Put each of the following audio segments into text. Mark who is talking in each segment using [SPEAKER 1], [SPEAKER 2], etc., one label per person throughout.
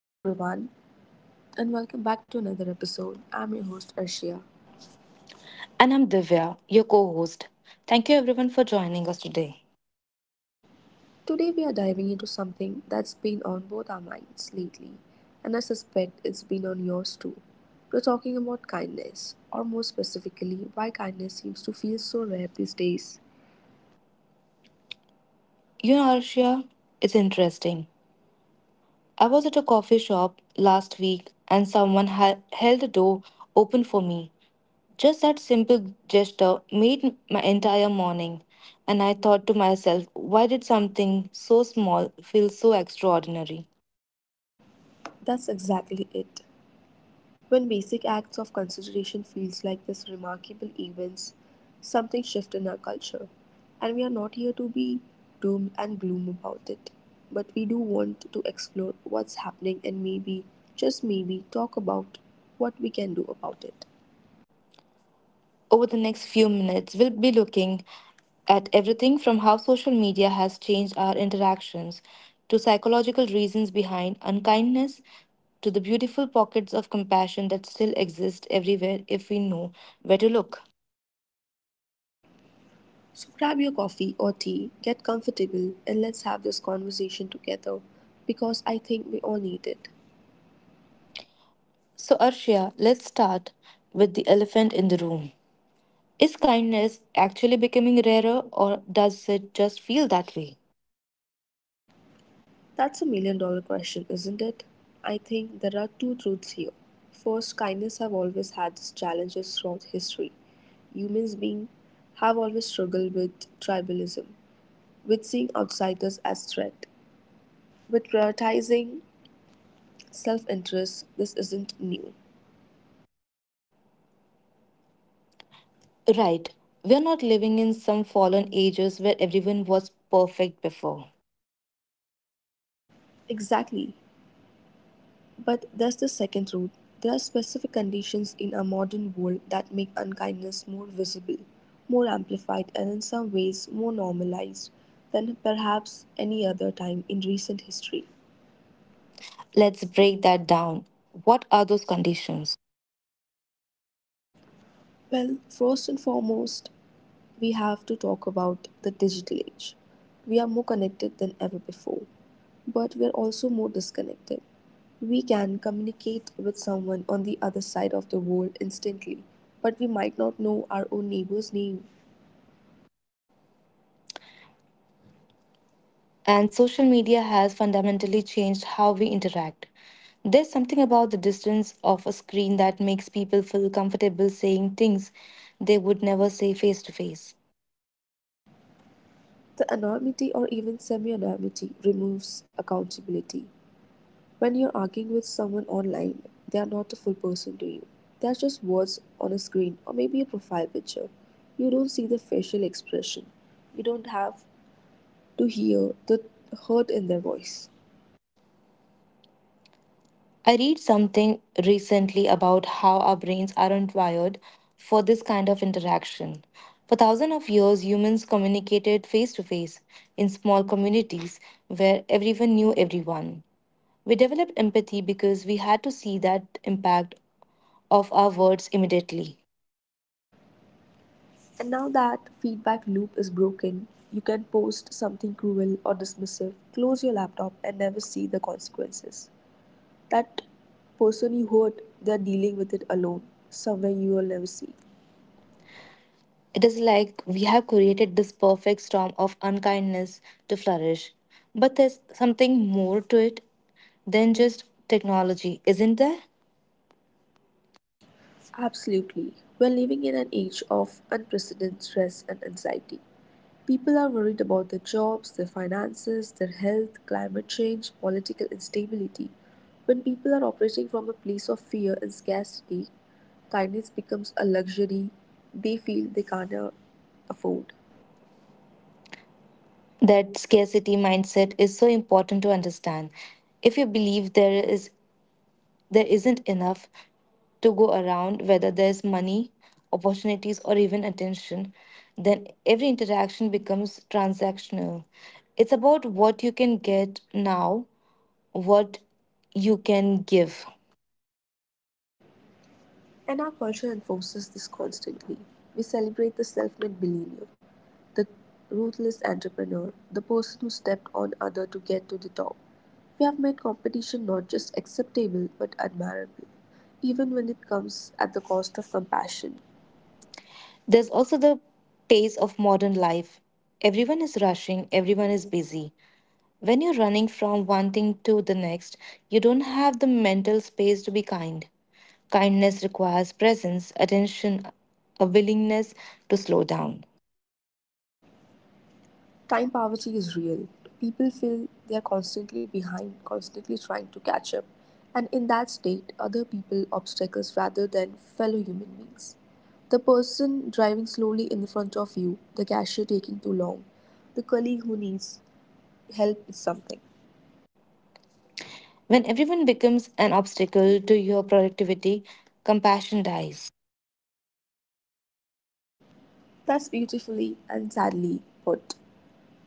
[SPEAKER 1] Hello, everyone, and welcome back to another episode. I'm your host, Arshia.
[SPEAKER 2] And I'm Divya, your co host. Thank you everyone for joining us today.
[SPEAKER 1] Today, we are diving into something that's been on both our minds lately, and I suspect it's been on yours too. We're talking about kindness, or more specifically, why kindness seems to feel so rare these days.
[SPEAKER 2] You know, Arshia, it's interesting. I was at a coffee shop last week and someone held the door open for me. Just that simple gesture made my entire morning. And I thought to myself, why did something so small feel so extraordinary?
[SPEAKER 1] That's exactly it. When basic acts of consideration feels like this remarkable events, something shifts in our culture. And we are not here to be doom and gloom about it. But we do want to explore what's happening and maybe, just maybe, talk about what we can do about it.
[SPEAKER 2] Over the next few minutes, we'll be looking at everything from how social media has changed our interactions to psychological reasons behind unkindness to the beautiful pockets of compassion that still exist everywhere if we know where to look.
[SPEAKER 1] So grab your coffee or tea, get comfortable, and let's have this conversation together because I think we all need it.
[SPEAKER 2] So, Arshia, let's start with the elephant in the room. Is kindness actually becoming rarer or does it just feel that way?
[SPEAKER 1] That's a million dollar question, isn't it? I think there are two truths here. First, kindness have always had its challenges throughout history. Humans being have always struggled with tribalism, with seeing outsiders as threat, with prioritizing self-interest. This isn't new.
[SPEAKER 2] Right, we are not living in some fallen ages where everyone was perfect before.
[SPEAKER 1] Exactly. But there's the second route. There are specific conditions in our modern world that make unkindness more visible, more amplified, and in some ways more normalized than perhaps any other time in recent history.
[SPEAKER 2] Let's break that down. What are those conditions?
[SPEAKER 1] Well, first and foremost, we have to talk about the digital age. We are more connected than ever before, but we're also more disconnected. We can communicate with someone on the other side of the world instantly, but we might not know our own neighbor's name.
[SPEAKER 2] And social media has fundamentally changed how we interact. There's something about the distance of a screen that makes people feel comfortable saying things they would never say face to face.
[SPEAKER 1] The anonymity or even semi-anonymity removes accountability. When you're arguing with someone online, they are not a full person to you. They are just words on a screen or maybe a profile picture. You don't see the facial expression. You don't have to hear the hurt in their voice.
[SPEAKER 2] I read something recently about how our brains aren't wired for this kind of interaction. For thousands of years, humans communicated face to face in small communities where everyone knew everyone. We developed empathy because we had to see that impact of our words immediately.
[SPEAKER 1] And now that feedback loop is broken. You can post something cruel or dismissive, close your laptop, and never see the consequences. That person you hurt, they're dealing with it alone, somewhere you will never see.
[SPEAKER 2] It is like we have created this perfect storm of unkindness to flourish. But there's something more to it than just technology, isn't there?
[SPEAKER 1] Absolutely. We're living in an age of unprecedented stress and anxiety. People are worried about their jobs, their finances, their health, climate change, political instability. When people are operating from a place of fear and scarcity, kindness becomes a luxury they feel they can't afford.
[SPEAKER 2] That scarcity mindset is so important to understand. If you believe there isn't enough to go around, whether there's money, opportunities, or even attention, then every interaction becomes transactional. It's about what you can get now, what you can give.
[SPEAKER 1] And our culture enforces this constantly. We celebrate the self made millionaire, the ruthless entrepreneur, the person who stepped on others to get to the top. We have made competition not just acceptable but admirable, even when it comes at the cost of compassion.
[SPEAKER 2] There's also the pace of modern life. Everyone is rushing, everyone is busy. When you're running from one thing to the next, you don't have the mental space to be kind. Kindness requires presence, attention, a willingness to slow down.
[SPEAKER 1] Time poverty is real. People feel they are constantly behind, constantly trying to catch up. And in that state, other people obstacles rather than fellow human beings. The person driving slowly in front of you, the cashier taking too long, the colleague who needs help with something.
[SPEAKER 2] When everyone becomes an obstacle to your productivity, compassion dies.
[SPEAKER 1] That's beautifully and sadly put.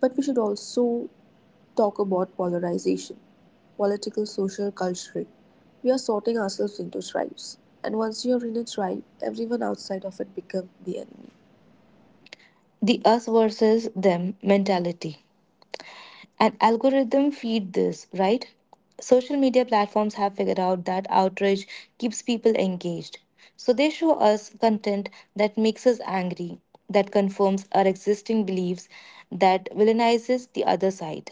[SPEAKER 1] But we should also talk about polarization political, social, cultural. We are sorting ourselves into tribes, and once you're in a tribe, everyone outside of it becomes the enemy.
[SPEAKER 2] The us versus them mentality. An algorithm feed this, right? Social media platforms have figured out that outrage keeps people engaged. So they show us content that makes us angry, that confirms our existing beliefs, that villainizes the other side.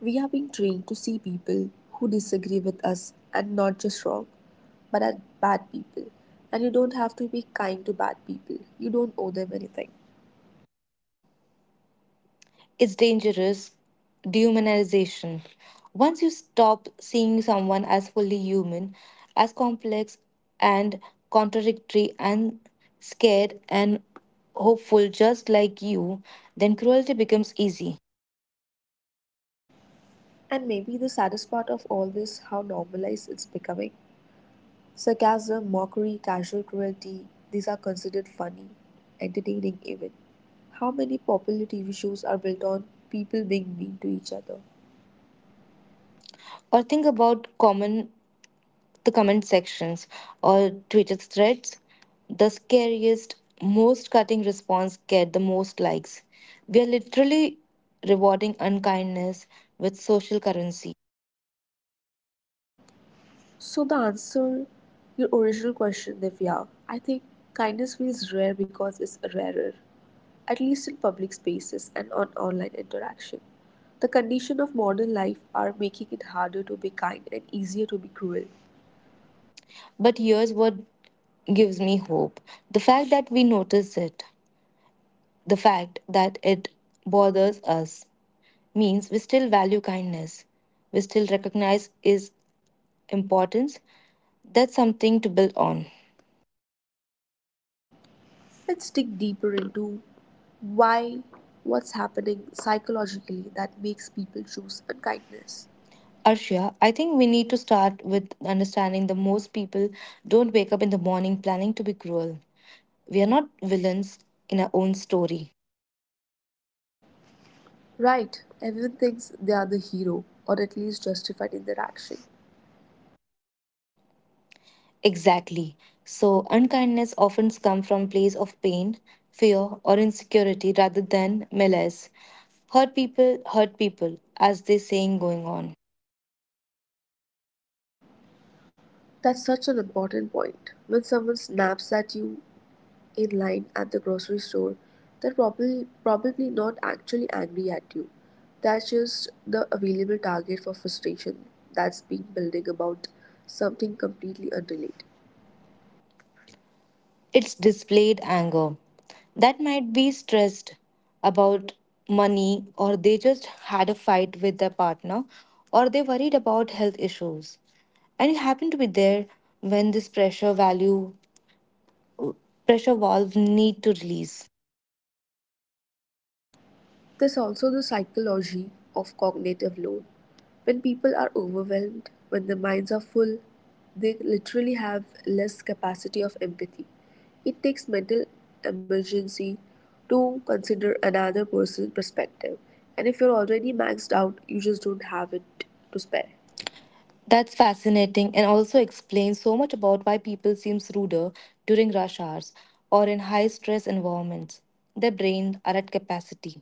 [SPEAKER 1] We are being trained to see people who disagree with us and not just wrong, but as bad people. And you don't have to be kind to bad people, you don't owe them anything.
[SPEAKER 2] Is dangerous dehumanization. Once you stop seeing someone as fully human, as complex and contradictory and scared and hopeful just like you, then cruelty becomes easy.
[SPEAKER 1] And maybe the saddest part of all this how normalized it's becoming. Sarcasm, mockery, casual cruelty, these are considered funny, entertaining even. How many popular TV shows are built on people being mean to each other?
[SPEAKER 2] Or think about common the comment sections or Twitter threads. The scariest, most cutting response get the most likes. We are literally rewarding unkindness with social currency.
[SPEAKER 1] So, the answer, your original question, Divya, I think kindness feels rare because it's rarer, at least in public spaces and on online interaction. The condition of modern life are making it harder to be kind and easier to be cruel.
[SPEAKER 2] But here's what gives me hope the fact that we notice it, the fact that it bothers us, means we still value kindness, we still recognize its importance. That's something to build on.
[SPEAKER 1] Let's dig deeper into why, what's happening psychologically that makes people choose unkindness?
[SPEAKER 2] Arshia, I think we need to start with understanding that most people don't wake up in the morning planning to be cruel. We are not villains in our own story.
[SPEAKER 1] Right, everyone thinks they are the hero, or at least justified in their action.
[SPEAKER 2] Exactly. So, unkindness often comes from place of pain, fear, or insecurity rather than malice. Hurt people, as this saying going on.
[SPEAKER 1] That's such an important point. When someone snaps at you in line at the grocery store, they're probably not actually angry at you. That's just the available target for frustration that's been building about something completely unrelated.
[SPEAKER 2] It's displayed anger. That might be stressed about money, or they just had a fight with their partner, or they worried about health issues. And you happen to be there when this pressure valve need to release.
[SPEAKER 1] There's also the psychology of cognitive load. When people are overwhelmed, when their minds are full, they literally have less capacity of empathy. It takes mental emergency to consider another person's perspective, and if you're already maxed out, you just don't have it to spare.
[SPEAKER 2] That's fascinating and also explains so much about why people seems ruder during rush hours or in high stress environments. Their brains are at capacity.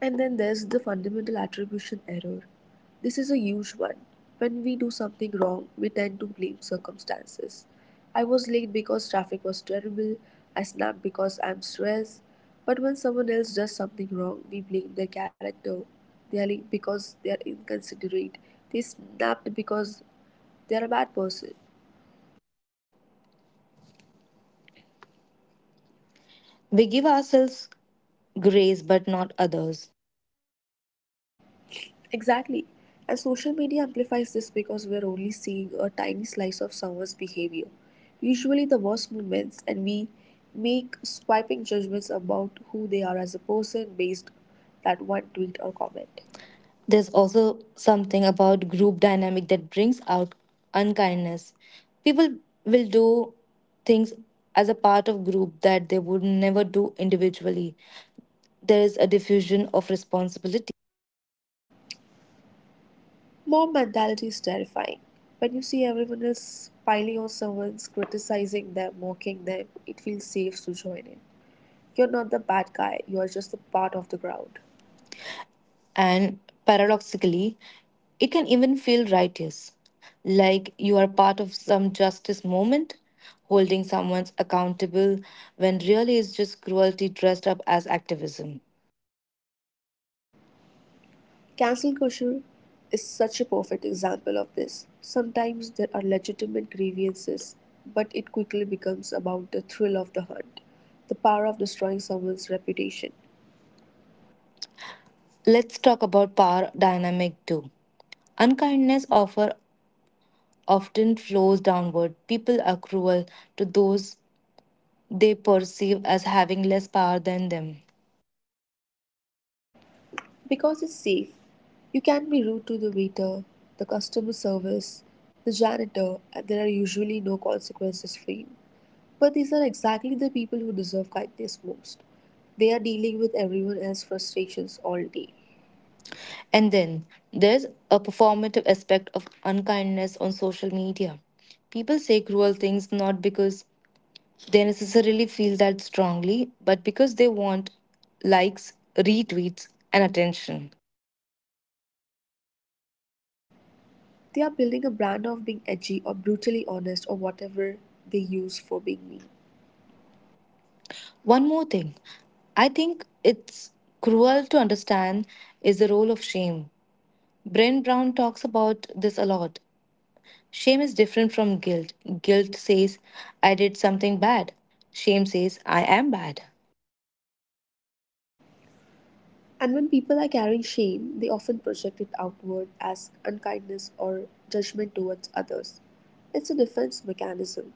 [SPEAKER 1] And then there's the fundamental attribution error. This is a huge one. When we do something wrong, we tend to blame circumstances. I was late because traffic was terrible, I snapped because I'm stressed. But when someone else does something wrong, we blame their character. They are late because they are inconsiderate. They snapped because they are a bad person.
[SPEAKER 2] We give ourselves grace but not others.
[SPEAKER 1] Exactly. And social media amplifies this because we're only seeing a tiny slice of someone's behavior, usually the worst moments, and we make swiping judgments about who they are as a person based that one tweet or comment.
[SPEAKER 2] There's also something about group dynamic that brings out unkindness. People will do things as a part of group that they would never do individually. There is a diffusion of responsibility.
[SPEAKER 1] Mob mentality is terrifying. When you see everyone else piling on someone's criticizing them, mocking them, it feels safe to join in. You're not the bad guy, you are just a part of the crowd.
[SPEAKER 2] And paradoxically, it can even feel righteous, like you are part of some justice movement, holding someone accountable when really it's just cruelty dressed up as activism.
[SPEAKER 1] Cancel culture is such a perfect example of this. Sometimes there are legitimate grievances, but it quickly becomes about the thrill of the hunt, the power of destroying someone's reputation.
[SPEAKER 2] Let's talk about power dynamic too. Unkindness offer often flows downward. People are cruel to those they perceive as having less power than them.
[SPEAKER 1] Because it's safe, you can be rude to the waiter, the customer service, the janitor, and there are usually no consequences for you. But these are exactly the people who deserve kindness most. They are dealing with everyone else's frustrations all day.
[SPEAKER 2] And then there's a performative aspect of unkindness on social media. People say cruel things not because they necessarily feel that strongly, but because they want likes, retweets, and attention.
[SPEAKER 1] They are building a brand of being edgy or brutally honest or whatever they use for being mean.
[SPEAKER 2] One more thing I think it's cruel to understand is the role of shame. Brent Brown talks about this a lot. Shame is different from guilt. Guilt says, I did something bad. Shame says, I am bad.
[SPEAKER 1] And when people are carrying shame, they often project it outward as unkindness or judgment towards others. It's a defense mechanism.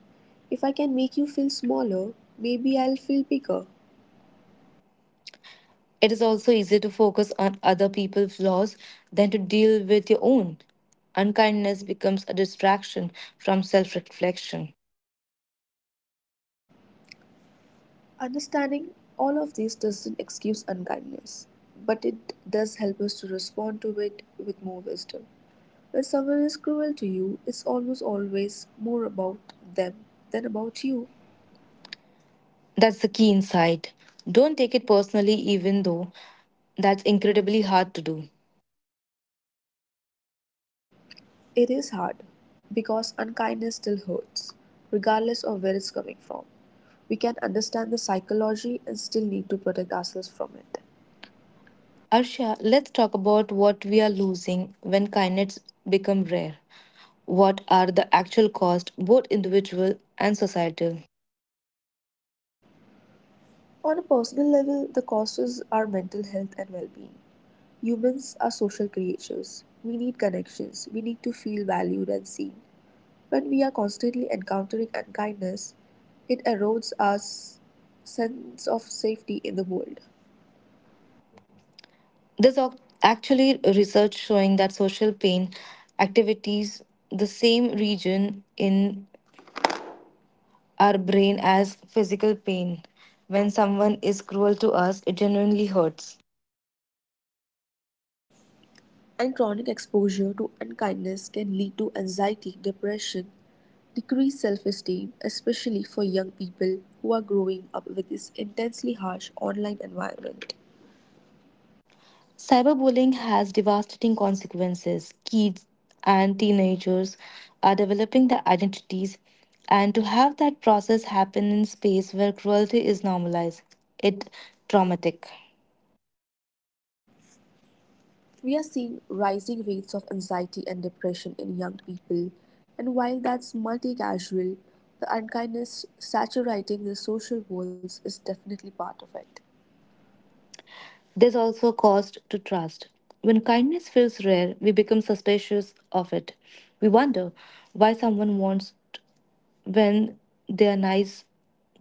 [SPEAKER 1] If I can make you feel smaller, maybe I'll feel bigger.
[SPEAKER 2] It is also easier to focus on other people's flaws than to deal with your own. Unkindness becomes a distraction from self reflection.
[SPEAKER 1] Understanding all of this doesn't excuse unkindness, but it does help us to respond to it with more wisdom. When someone is cruel to you, it's almost always more about them than about you.
[SPEAKER 2] That's the key insight. Don't take it personally, even though that's incredibly hard to do.
[SPEAKER 1] It is hard because unkindness still hurts, regardless of where it's coming from. We can understand the psychology and still need to protect ourselves from it.
[SPEAKER 2] Arshia, let's talk about what we are losing when kindness become rare. What are the actual costs, both individual and societal?
[SPEAKER 1] On a personal level, the causes are mental health and well being. Humans are social creatures. We need connections, we need to feel valued and seen. When we are constantly encountering unkindness, it erodes our sense of safety in the world.
[SPEAKER 2] There's actually research showing that social pain activities the same region in our brain as physical pain. When someone is cruel to us, it genuinely hurts.
[SPEAKER 1] And chronic exposure to unkindness can lead to anxiety, depression, decreased self esteem, especially for young people who are growing up with this intensely harsh online environment.
[SPEAKER 2] Cyberbullying has devastating consequences. Kids and teenagers are developing their identities, and to have that process happen in space where cruelty is normalized, it traumatic.
[SPEAKER 1] We are seeing rising rates of anxiety and depression in young people, and while that's multi causal the unkindness saturating the social worlds is definitely part of it.
[SPEAKER 2] There's also a cost to trust. When kindness feels rare, we become suspicious of it. We wonder why when they are nice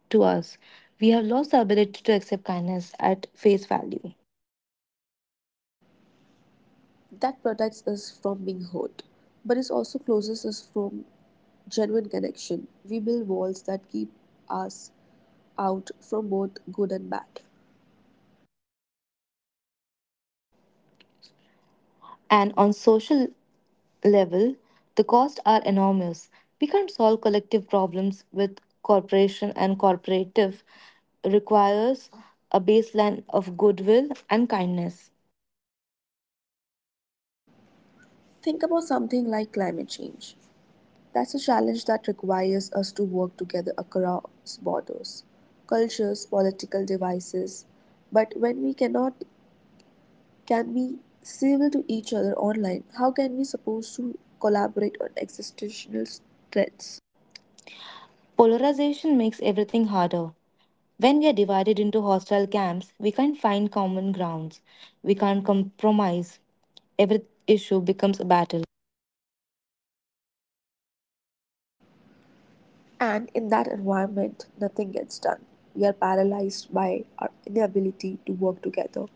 [SPEAKER 2] to us. We have lost the ability to accept kindness at face value.
[SPEAKER 1] That protects us from being hurt, but it also closes us from genuine connection. We build walls that keep us out from both good and bad.
[SPEAKER 2] And on social level, the costs are enormous. We can't solve collective problems with corporation and corporative requires a baseline of goodwill and kindness.
[SPEAKER 1] Think about something like climate change. That's a challenge that requires us to work together across borders, cultures, political devices. But when we cannot can be civil to each other online, how can we suppose to collaborate on existential threats?
[SPEAKER 2] Polarization makes everything harder. When we are divided into hostile camps, we can't find common grounds. We can't compromise. Every issue becomes a battle.
[SPEAKER 1] And in that environment, nothing gets done. We are paralyzed by our inability to work together.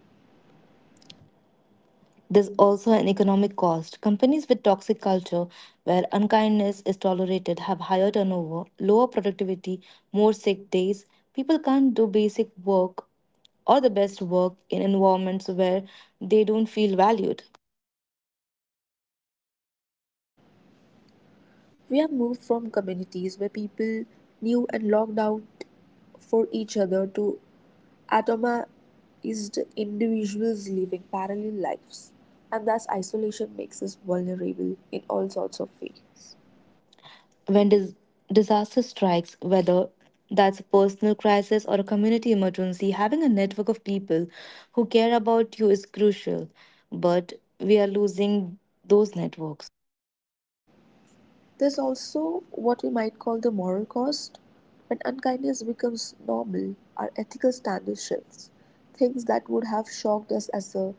[SPEAKER 2] There's also an economic cost. Companies with toxic culture, where unkindness is tolerated, have higher turnover, lower productivity, more sick days. People can't do basic work or the best work in environments where they don't feel valued.
[SPEAKER 1] We have moved from communities where people knew and logged out for each other to atomized individuals living parallel lives. And thus, isolation makes us vulnerable in all sorts of ways.
[SPEAKER 2] When disaster strikes, whether that's a personal crisis or a community emergency, having a network of people who care about you is crucial. But we are losing those networks.
[SPEAKER 1] There's also what we might call the moral cost. When unkindness becomes normal, our ethical standard shifts. Things that would have shocked us as a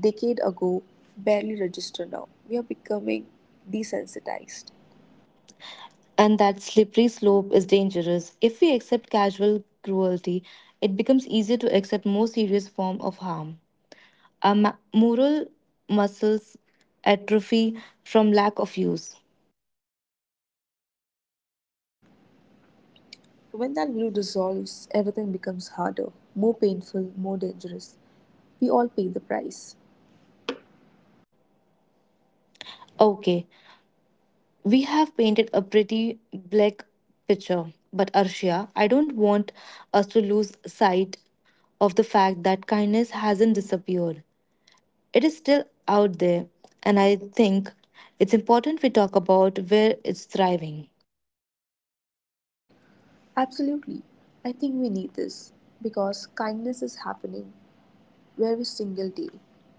[SPEAKER 1] decade ago barely register now. We are becoming desensitized.
[SPEAKER 2] And that slippery slope is dangerous. If we accept casual cruelty, it becomes easier to accept more serious form of harm. Our moral muscles atrophy from lack of use.
[SPEAKER 1] When that glue dissolves, everything becomes harder, more painful, more dangerous. We all pay the price.
[SPEAKER 2] Okay, we have painted a pretty black picture, but Arshia, I don't want us to lose sight of the fact that kindness hasn't disappeared. It is still out there, and I think it's important we talk about where it's thriving.
[SPEAKER 1] Absolutely. I think we need this because kindness is happening every single day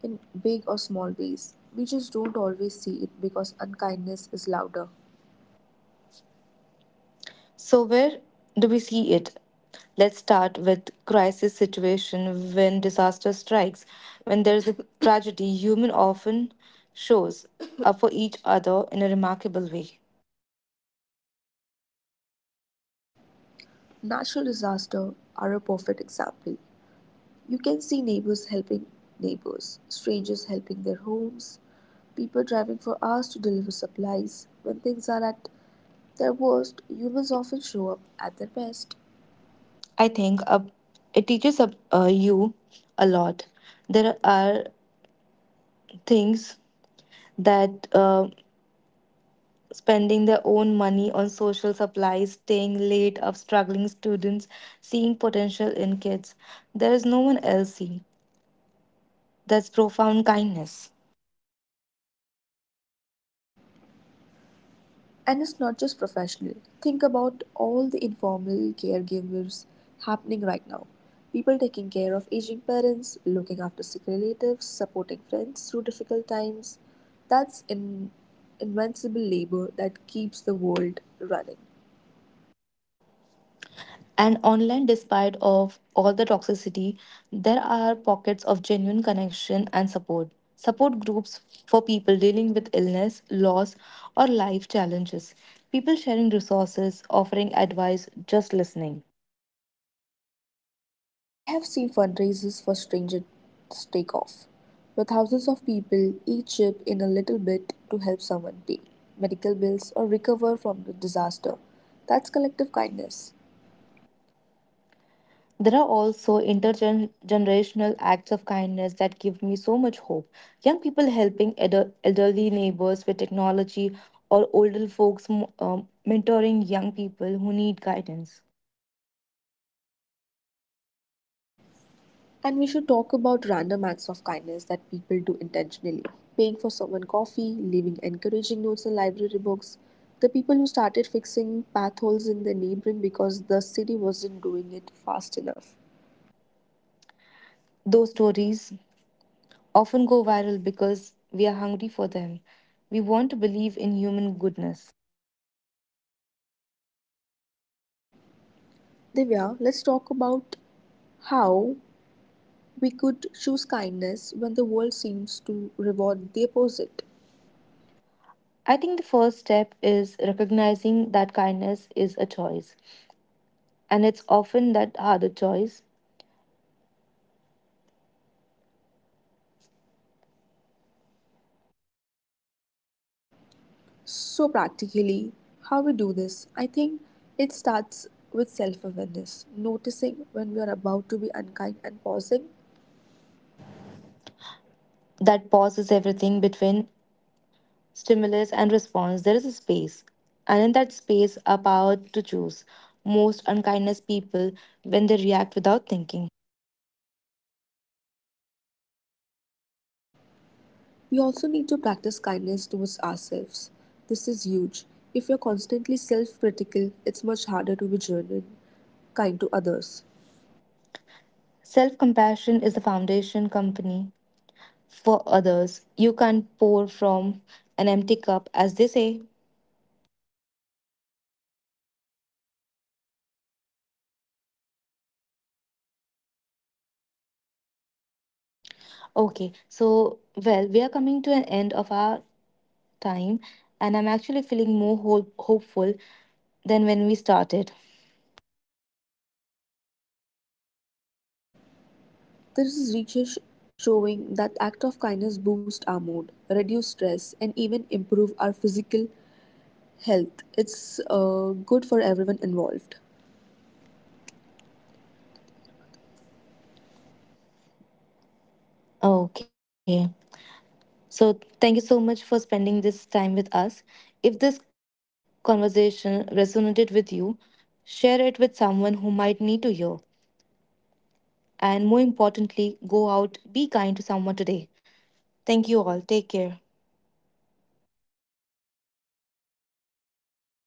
[SPEAKER 1] in big or small ways. We just don't always see it because unkindness is louder.
[SPEAKER 2] So, where do we see it? Let's start with crisis situation when disaster strikes. When there is a tragedy, human often shows up for each other in a remarkable way.
[SPEAKER 1] Natural disasters are a perfect example. You can see neighbors helping neighbors, strangers helping their homes, people driving for hours to deliver supplies. When things are at their worst, humans often show up at their best.
[SPEAKER 2] I think it teaches you a lot. There are things that spending their own money on social supplies, staying late, of struggling students, seeing potential in kids. There is no one else seeing. That's profound kindness.
[SPEAKER 1] And it's not just professional. Think about all the informal caregivers happening right now. People taking care of aging parents, looking after sick relatives, supporting friends through difficult times. That's in invincible labor that keeps the world running.
[SPEAKER 2] And online, despite of all the toxicity, there are pockets of genuine connection and support. Support groups for people dealing with illness, loss, or life challenges. People sharing resources, offering advice, just listening.
[SPEAKER 1] I have seen fundraisers for strangers take off, where thousands of people each chip in a little bit to help someone pay medical bills or recover from the disaster. That's collective kindness.
[SPEAKER 2] There are also intergenerational acts of kindness that give me so much hope. Young people helping elderly neighbors with technology, or older folks mentoring young people who need guidance.
[SPEAKER 1] And we should talk about random acts of kindness that people do intentionally. Paying for someone coffee, leaving encouraging notes in library books. The people who started fixing path holes in their neighboring because the city wasn't doing it fast enough.
[SPEAKER 2] Those stories often go viral because we are hungry for them. We want to believe in human goodness.
[SPEAKER 1] Divya, let's talk about how we could choose kindness when the world seems to reward the opposite.
[SPEAKER 2] I think the first step is recognizing that kindness is a choice, and it's often that harder choice
[SPEAKER 1] So, practically, how we do this, I think it starts with self awareness, noticing when we are about to be unkind and pausing.
[SPEAKER 2] that pauses everything between stimulus and response. There is a space, and in that space, our power to choose. Most unkindness people when they react without thinking.
[SPEAKER 1] We also need to practice kindness towards ourselves. This is huge. If you're constantly self critical, it's much harder to be genuine, kind to others.
[SPEAKER 2] Self compassion is the foundation company for others. You can't pour from an empty cup, as they say. Okay, so well, we are coming to an end of our time, and I'm actually feeling more hopeful than when we started.
[SPEAKER 1] There is research showing that act of kindness boost our mood, reduce stress, and even improve our physical health. It's good for everyone involved.
[SPEAKER 2] Okay, so thank you so much for spending this time with us. If this conversation resonated with you, share it with someone who might need to hear. And more importantly, go out, be kind to someone today. Thank you all. Take care.